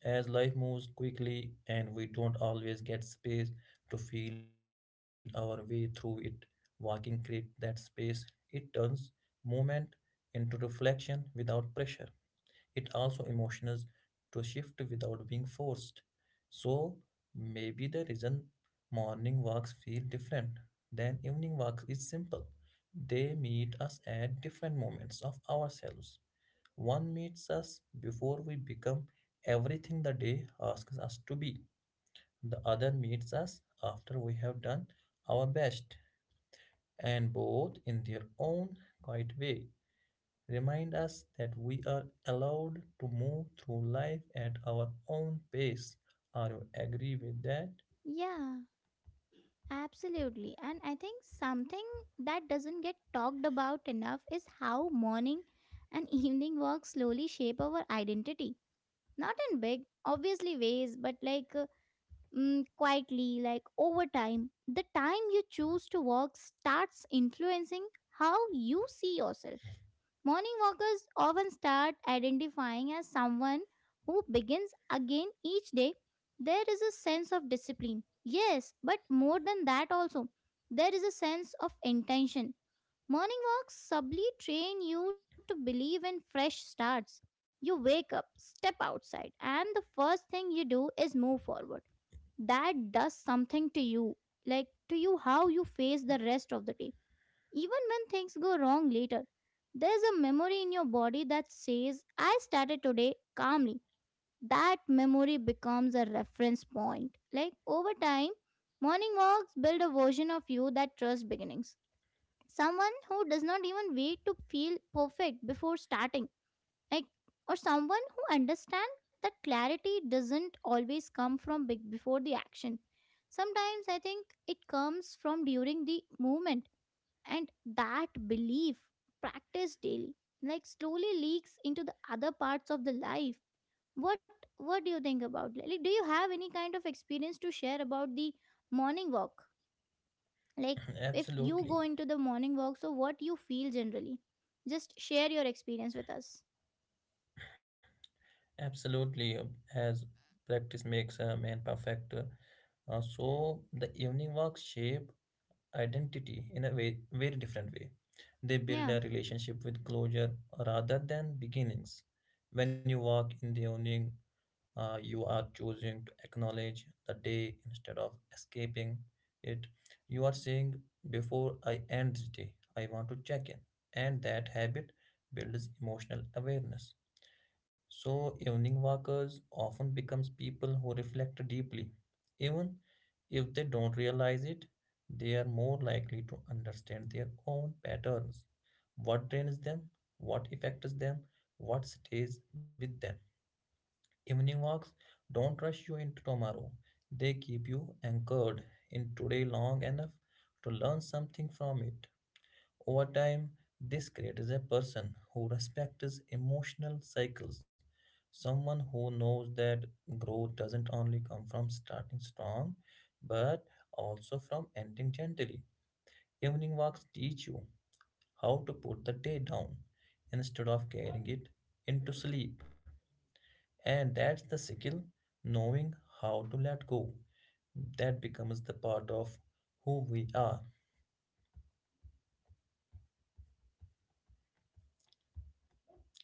Speaker 2: as life moves quickly, and we don't always get space to feel our way through it. Walking creates that space. It turns movement into reflection without pressure. It also emotions to shift without being forced. So maybe the reason morning walks feel different than evening walks is simple. They meet us at different moments of ourselves. One meets us before we become everything the day asks us to be. The other meets us after we have done our best, and both, in their own quiet way, remind us that we are allowed to move through life at our own pace. Are you agree with that?
Speaker 1: Yeah, absolutely. And I think something that doesn't get talked about enough is how morning and (laughs) evening work slowly shape our identity, not in big obviously ways but like quietly. Like, over time the time you choose to walk starts influencing how you see yourself. Morning walkers often start identifying as someone who begins again each day. There is a sense of discipline, yes, but more than that also, there is a sense of intention. Morning walks subtly train you to believe in fresh starts. You wake up, step outside, and the first thing you do is move forward. That does something to you, like to you how you face the rest of the day. Even when things go wrong later, there's a memory in your body that says, "I started today calmly." That memory becomes a reference point. Like over time, morning walks build a version of you that trusts beginnings, someone who does not even wait to feel perfect before starting, like, or someone who understands that clarity doesn't always come from big before the action. Sometimes I think it comes from during the movement. And that belief, practice daily, like, slowly leaks into the other parts of the life. What do you think about, like, do you have any kind of experience to share about the morning walk, like,
Speaker 2: (clears throat)
Speaker 1: if you go
Speaker 2: Absolutely,
Speaker 1: into the morning walk, so what you feel generally? Just share your experience with us.
Speaker 2: absolutely. As practice makes a man perfect. So the evening walk shape identity in a way, very different way. They build
Speaker 1: Yeah,
Speaker 2: a relationship with closure rather than beginnings. When you walk in the evening, you are choosing to acknowledge the day instead of escaping it. You are saying, Before I end this day, I want to check in. And that habit builds emotional awareness. So evening walkers often becomes people who reflect deeply. Even if they don't realize it, they are more likely to understand their own patterns. What drains them, what affects them, what stays with them. Evening walks don't rush you into tomorrow. They keep you anchored in today long enough to learn something from it. Over time, this creates a person who respects emotional cycles, someone who knows that growth doesn't only come from starting strong, but also from ending gently. Evening walks teach you how to put the day down instead of carrying it into sleep. And that's the skill, knowing how to let go. That becomes the part of who we are.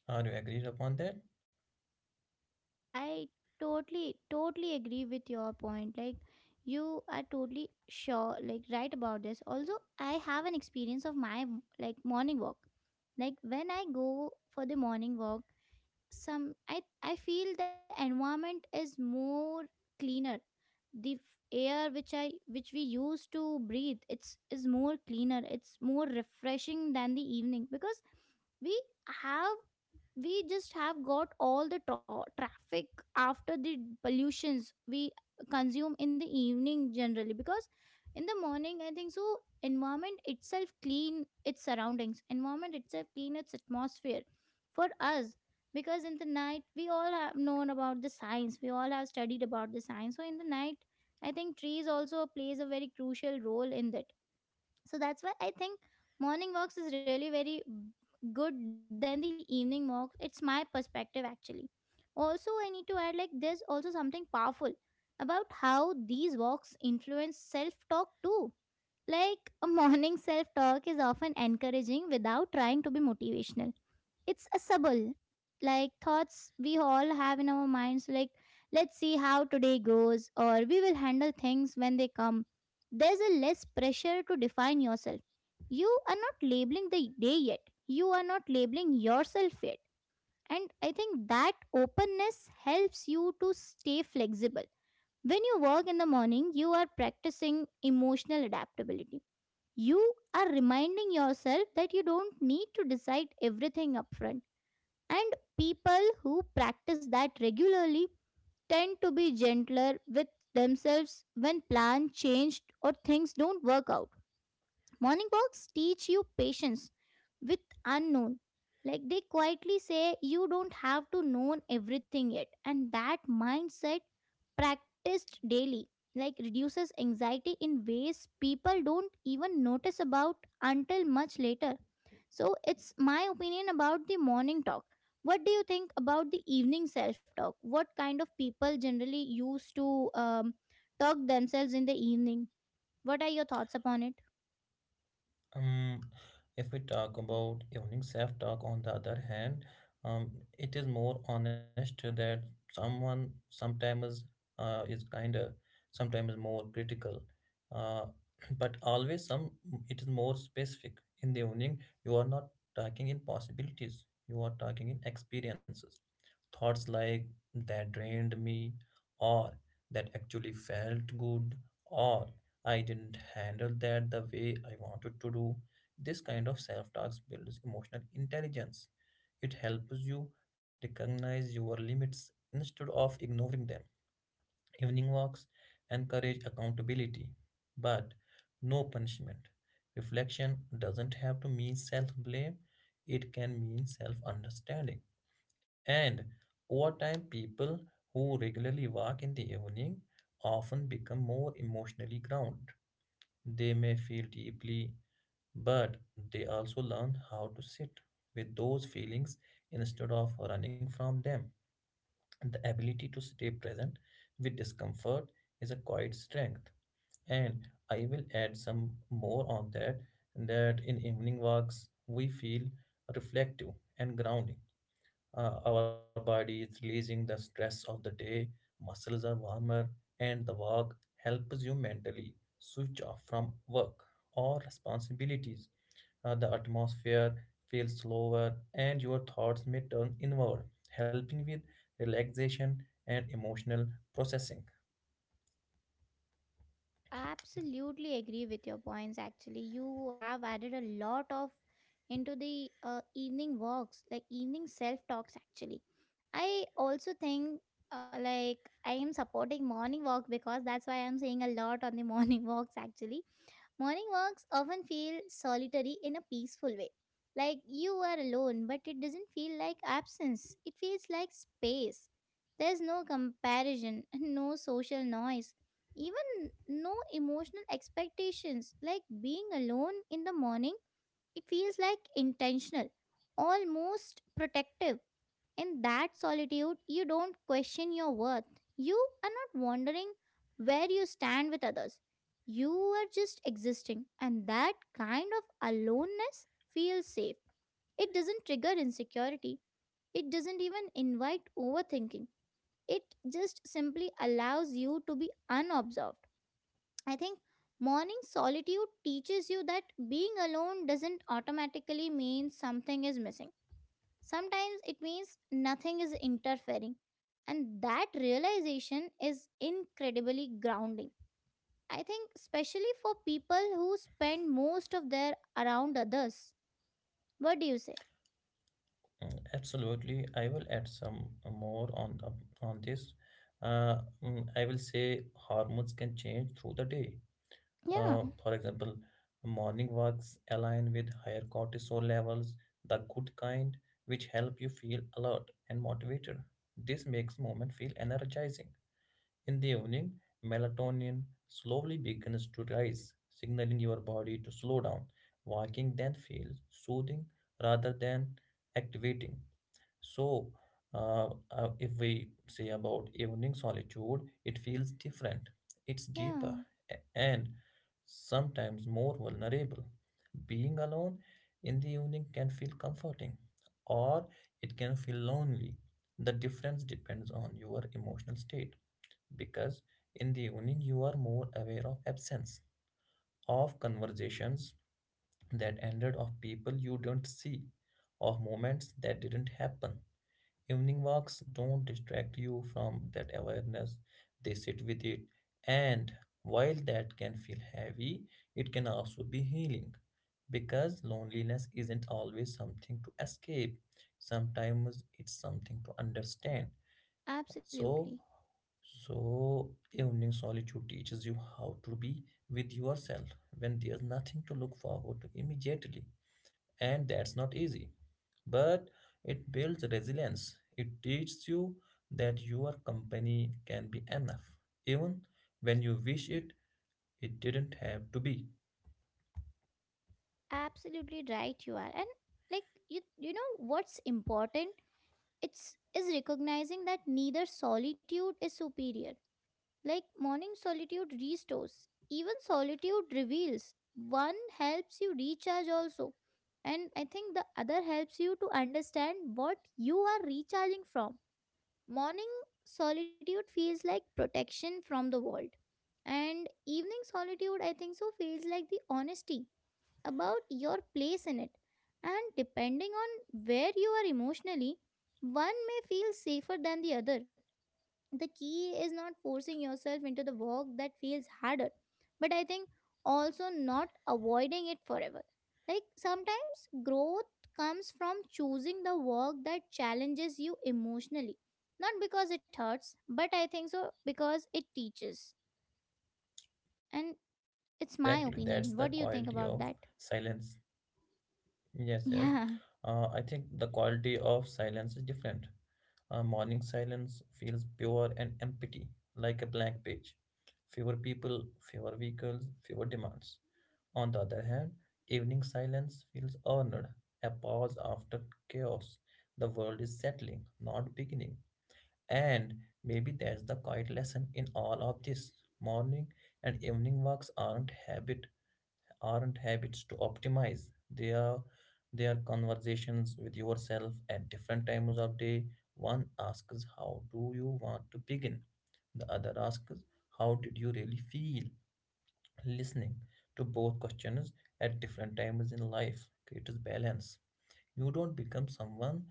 Speaker 2: Are you agreed upon that?
Speaker 1: I totally, totally agree with your point. Like, you are totally sure, like, right about this. Also, I have an experience of my, like, morning walk. Like, when I go for the morning walk, some I feel the environment is more cleaner, the f- air which I which we used to breathe, it's is more cleaner, it's more refreshing than the evening because we have we just have got all the traffic after the pollutions we consume in the evening generally, because in the morning I think so environment itself clean its surroundings, environment itself clean its atmosphere for us, because in the night we all have known about the science, we all have studied about the science, so in the night I think trees also plays a very crucial role in that. So that's why I think morning walks is really very good than the evening walks. It's my perspective actually. Also, I need to add, like, there's also something powerful about how these walks influence self talk too. Like a morning (laughs) self talk is often encouraging without trying to be motivational. It's a subtle, like, thoughts we all have in our minds, like, let's see how today goes, or we will handle things when they come. There's a less pressure to define yourself. You are not labeling the day yet, you are not labeling yourself yet. And I think that openness helps you to stay flexible. When you work in the morning, you are practicing emotional adaptability. You are reminding yourself that you don't need to decide everything upfront, and people who practice that regularly tend to be gentler with themselves when plans change or things don't work out. Morning walks teach you patience with unknown. Like they quietly say, you don't have to know everything yet. And that mindset, practiced daily, like, reduces anxiety in ways people don't even notice about until much later. So it's my opinion about the morning talk. What do you think about the evening self talk? What kind of people generally used to talk themselves in the evening? What are your thoughts upon it?
Speaker 2: Um, if we talk about evening self-talk, on the other hand, um, it is more honest that someone sometimes is kinder, sometimes more critical, uh, (clears throat) but always some it is more specific. In the evening, you are not talking in possibilities, you are talking in experiences. Thoughts like that drained me, or that actually felt good, or I didn't handle that the way I wanted to do. This kind of self talk builds emotional intelligence. It helps you recognize your limits instead of ignoring them. Evening walks encourage accountability, but no punishment. Reflection doesn't have to mean self blame, it can mean self understanding. And over time, people who regularly walk in the evening often become more emotionally grounded. They may feel deeply, but they also learn how to sit with those feelings instead of running from them. The ability to stay present with discomfort is a quiet strength. And I will add some more on that, that in evening walks we feel reflective and grounding. Our body is releasing the stress of the day, muscles are warmer, and the walk helps you mentally switch off from work or responsibilities. The atmosphere feels slower, and your thoughts may turn inward, helping with relaxation and emotional processing.
Speaker 1: Absolutely agree with your points. Actually, you have added a lot of into the evening walks, like evening self talks. Actually, I also think like, I am supporting morning walk because that's why I'm saying a lot on the (laughs) morning walks. Actually, morning walks often feel solitary in a peaceful way. Like you are alone, but it doesn't feel like absence. It feels like space. There's no comparison, (laughs) no social noise, even no emotional expectations. Like being alone in the morning, it feels like intentional, almost protective. In that solitude, you don't question your worth. You are not wondering where you stand with others. You are just existing, and that kind of aloneness feels safe. It doesn't trigger insecurity, it doesn't even invite overthinking. It just simply allows you to be unobserved. I think morning solitude teaches you that being alone doesn't automatically mean something is missing. Sometimes it means nothing is interfering. And that realization is incredibly grounding. I think, especially for people who spend most of their around others. What do you say?
Speaker 2: Mm, absolutely, I will add some more on the on this. I will say hormones can change through the day.
Speaker 1: Yeah,
Speaker 2: For example, morning walks align with higher cortisol levels, the good kind, which help you feel alert and motivated. This makes movement feel energizing. In the evening, melatonin slowly begins to rise, signaling your body to slow down. Walking then feels soothing rather than activating. So, if we say about evening solitude, it feels different, it's deeper,
Speaker 1: yeah,
Speaker 2: and sometimes more vulnerable. Being alone in the evening can feel comforting, or it can feel lonely. The difference depends on your emotional state, because in the evening you are more aware of absence, of conversations that ended, of people you don't see, of moments that didn't happen. Evening walks don't distract you from that awareness, they sit with it. And while that can feel heavy, it can also be healing, because loneliness isn't always something to escape, sometimes it's something to understand.
Speaker 1: absolutely.
Speaker 2: So, so, evening solitude teaches you how to be with yourself when there's nothing to look forward to immediately, and that's not easy. But it builds resilience. It teaches you that your company can be enough. Even when you wish it, it didn't have to be.
Speaker 1: Absolutely right, you are. And, like, you know what's important? It's is recognizing that neither solitude is superior. Like morning solitude restores, even solitude reveals. One helps you recharge also, and I think the other helps you to understand what you are recharging from. Morning solitude feels like protection from the world, and evening solitude I think so feels like the honesty about your place in it. And depending on where you are emotionally, one may feel safer than the other. The key is not forcing yourself into the work that feels harder, but I think also not avoiding it forever. Like sometimes growth comes from choosing the work that challenges you emotionally. Not because it hurts, but I think so because it teaches. And
Speaker 2: Exactly.
Speaker 1: it's
Speaker 2: That's
Speaker 1: my
Speaker 2: the quality
Speaker 1: opinion. What do
Speaker 2: of
Speaker 1: you think about that? (laughs)
Speaker 2: silence. Yes, yes.
Speaker 1: Yeah.
Speaker 2: I think the quality of silence is different. Morning silence feels pure and empty, like a blank page. Fewer people, fewer vehicles, fewer demands. On the other hand, evening silence feels earned, a pause after chaos. The world is settling, not beginning. And maybe that's the quiet lesson in all of this. Morning and evening walks aren't habit aren't habits to optimize. They are conversations with yourself at different times of day. One asks, how do you want to begin? The other asks, how did you really feel? Listening to both questions at different times in life creates balance. You don't become someone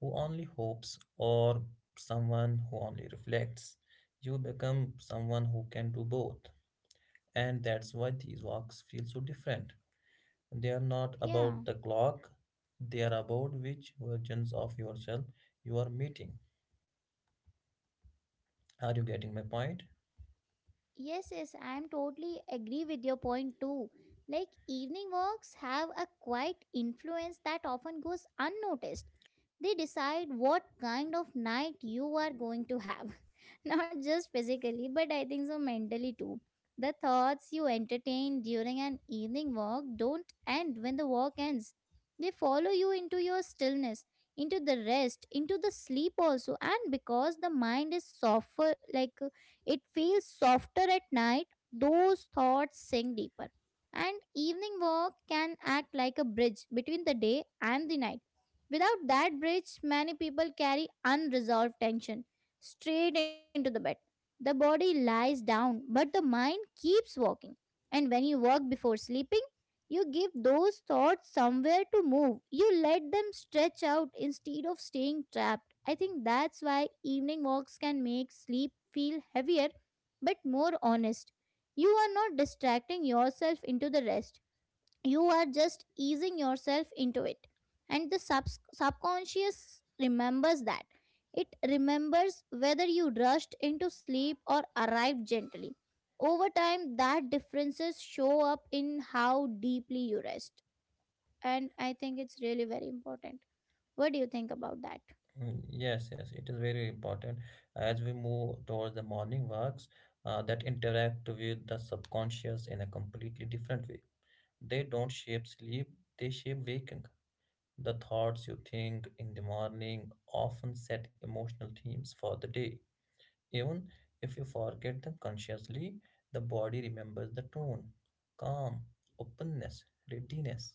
Speaker 2: who only hopes or someone who only reflects. You become someone who can do both. And that's why these walks feel so different. They are not
Speaker 1: Yeah.
Speaker 2: about the clock, they are about which versions of yourself you are meeting. Are you getting my point?
Speaker 1: Yes, yes, I am totally agree with your point too. Like evening works have a quiet influence that often goes unnoticed. They decide what kind of night you are going to have. (laughs) Not just physically, but I think so mentally too. The thoughts you entertain during an evening walk don't end when the walk ends. They follow you into your stillness, into the rest, into the sleep also, and because the mind is softer, like, it feels softer at night, those thoughts sink deeper. And evening walk can act like a bridge between the day and the night. Without that bridge, many people carry unresolved tension straight into the bed. The body lies down, but the mind keeps walking. And when you walk before sleeping, you give those thoughts somewhere to move. You let them stretch out instead of staying trapped. I think that's why evening walks can make sleep feel heavier but more honest. You are not distracting yourself into the rest, you are just easing yourself into it, and the subconscious remembers that. It remembers whether you rushed into sleep or arrived gently. Over time that differences show up in how deeply you rest, and I think it's really very important. What do you think about that?
Speaker 2: Yes, yes, it is very important as we move towards the morning walks that interact with the subconscious in a completely different way. They don't shape sleep, they shape waking. The thoughts you think in the morning often set emotional themes for the day. Even if you forget them consciously, the body remembers the tone, calm, openness, readiness.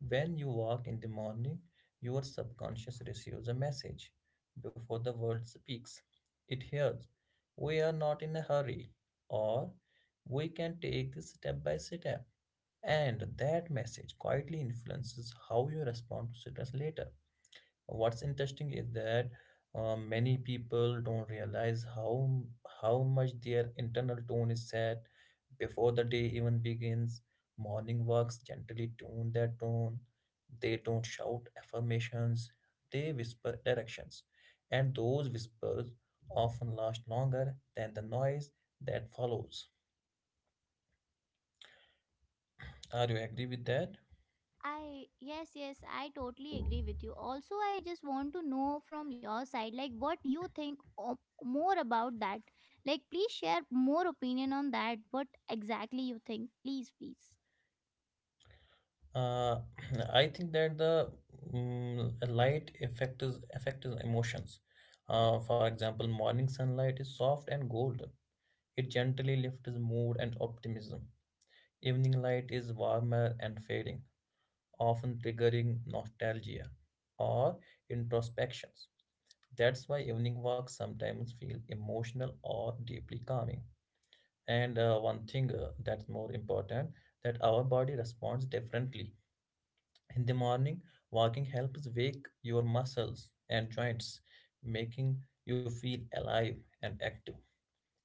Speaker 2: When you walk in the morning, your subconscious receives a message before the world speaks. It hears, we are not in a hurry, or we can take this step by step. And that message quietly influences how you respond to stress later. What's interesting is that many people don't realize how much their internal tone is set before the day even begins. Morning walks gently tune their tone. They don't shout affirmations. They whisper directions, and those whispers often last longer than the noise that follows. Are you agree with that?
Speaker 1: I, yes, yes, I totally agree with you. Also I just want to know from your side, like, what you think more about that. Like please share more opinion on that, what exactly you think. Please, please.
Speaker 2: Uh, (clears throat) I think that the light effect is affects emotions. For example, morning sunlight is soft and golden. It gently lifts mood and optimism. Evening light is warmer and fading, often triggering nostalgia or introspections. That's why evening walks sometimes feel emotional or deeply calming. And one thing that's more important, that our body responds differently. In the morning, walking helps wake your muscles and joints, making you feel alive and active.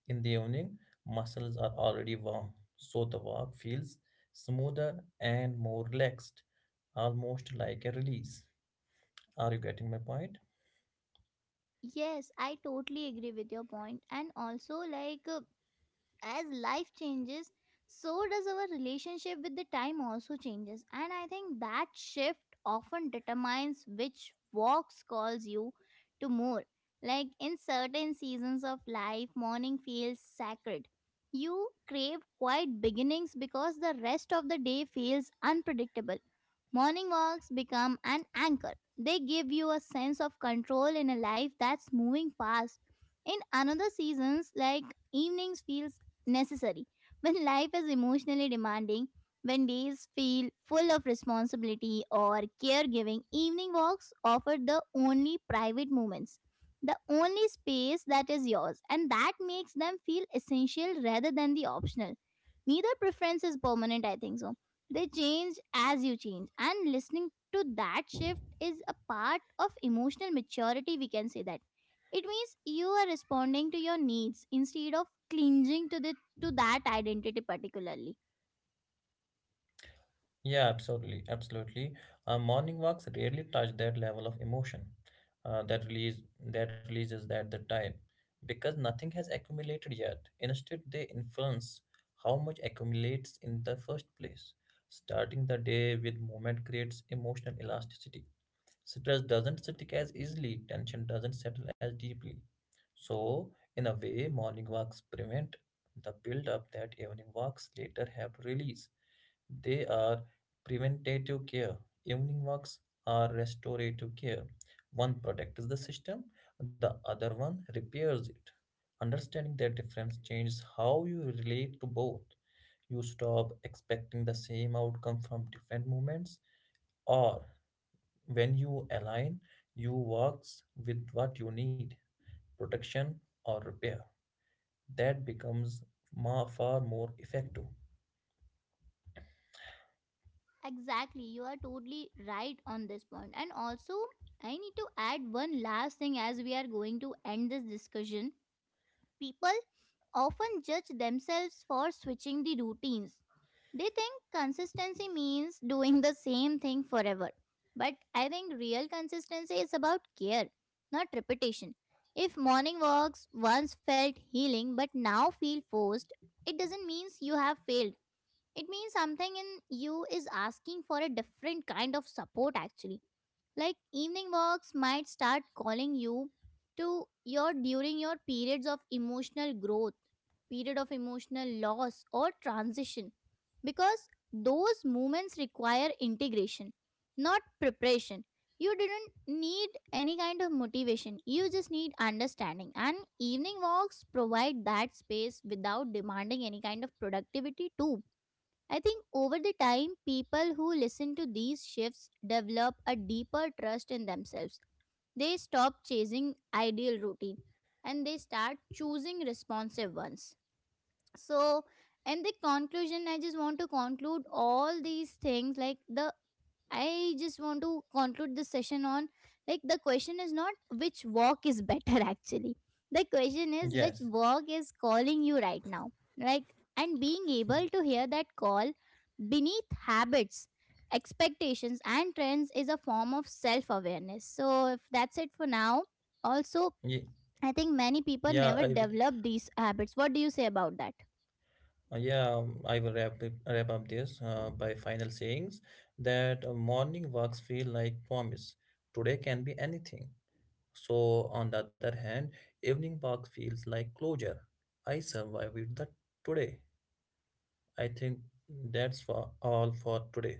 Speaker 2: In the evening, muscles are already warm, so the walk feels smoother and more relaxed, almost like a release. Are you getting my point?
Speaker 1: Yes, I totally agree with your point, and also like, as life changes, so does our relationship with the time also changes, and I think that shift often determines which walks calls you to more. Like in certain seasons of life morning feels sacred. You crave quiet beginnings because the rest of the day feels unpredictable. Morning walks become an anchor, they give you a sense of control in a life that's moving fast. In another seasons, like, evenings feel necessary. When life is emotionally demanding, when days feel full of responsibility or caregiving, evening walks offer the only private moments, the only space that is yours, and that makes them feel essential rather than the optional. Neither preference is permanent, I think so. They change as you change, and listening to that shift is a part of emotional maturity, we can say that. It means you are responding to your needs instead of clinging to the to that identity particularly.
Speaker 2: Yeah, absolutely, absolutely. Morning walks rarely touch that level of emotion, that release that releases at the time, because nothing has accumulated yet. Instead, they influence how much accumulates in the first place. Starting the day with movement creates emotional elasticity. Stress doesn't stick as easily. Tension doesn't settle as deeply. So, in a way, morning walks prevent the build-up that evening walks later have to release. They are preventative care. Evening walks are restorative care. One protects the system, the other one repairs it. Understanding that difference changes how you relate to both. You stop expecting the same outcome from different movements, or when you align, you works with what you need, protection or repair. That becomes far more effective.
Speaker 1: Exactly, you are totally right on this point. And also, I need to add one last thing as we are going to end this discussion. People often judge themselves for switching the routines. They think consistency means doing the same thing forever. But I think real consistency is about care, not repetition. If morning walks once felt healing but now feel forced, it doesn't mean you have failed. It means something in you is asking for a different kind of support actually. Like evening walks might start calling you to your during your periods of emotional growth, period of emotional loss or transition, because those moments require integration, not preparation. You didn't need any kind of motivation. You just need understanding. And evening walks provide that space without demanding any kind of productivity too. I think over the time, people who listen to these shifts develop a deeper trust in themselves. They stop chasing ideal routine and they start choosing responsive ones. So, in the conclusion, I just want to conclude all these things like the I just want to conclude this session on, like, the question is not which walk is better (laughs) actually. The question is
Speaker 2: Yes.
Speaker 1: which walk is calling you right now. Like, and being able to hear that call beneath habits, expectations and trends is a form of self-awareness. So if that's it for now, also
Speaker 2: Ye-
Speaker 1: I think many
Speaker 2: Yeah, I
Speaker 1: people
Speaker 2: will.
Speaker 1: never develop these habits. What do you say about that?
Speaker 2: Yeah, I will wrap up this by final sayings that morning walks feel like promise. Today can be anything. So on the other hand, evening walk feels like closure. I survived the today. I think that's for all for today.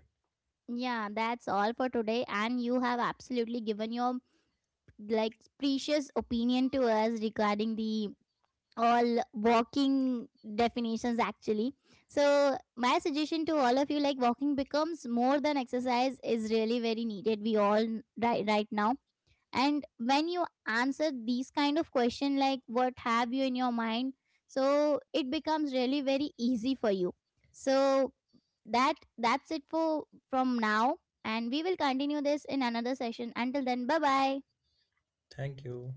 Speaker 1: Yeah, that's all for today, and you have absolutely given your, like, precious opinion to us regarding the all walking definitions actually. So my suggestion to all of you, like, walking becomes more than exercise is really very needed, we all, right now, and when you answer these kind of question, like, what have you in your mind, so it becomes really very easy for you. So that's it for from now, and we will continue this in another session. Until then, bye bye.
Speaker 2: Thank you.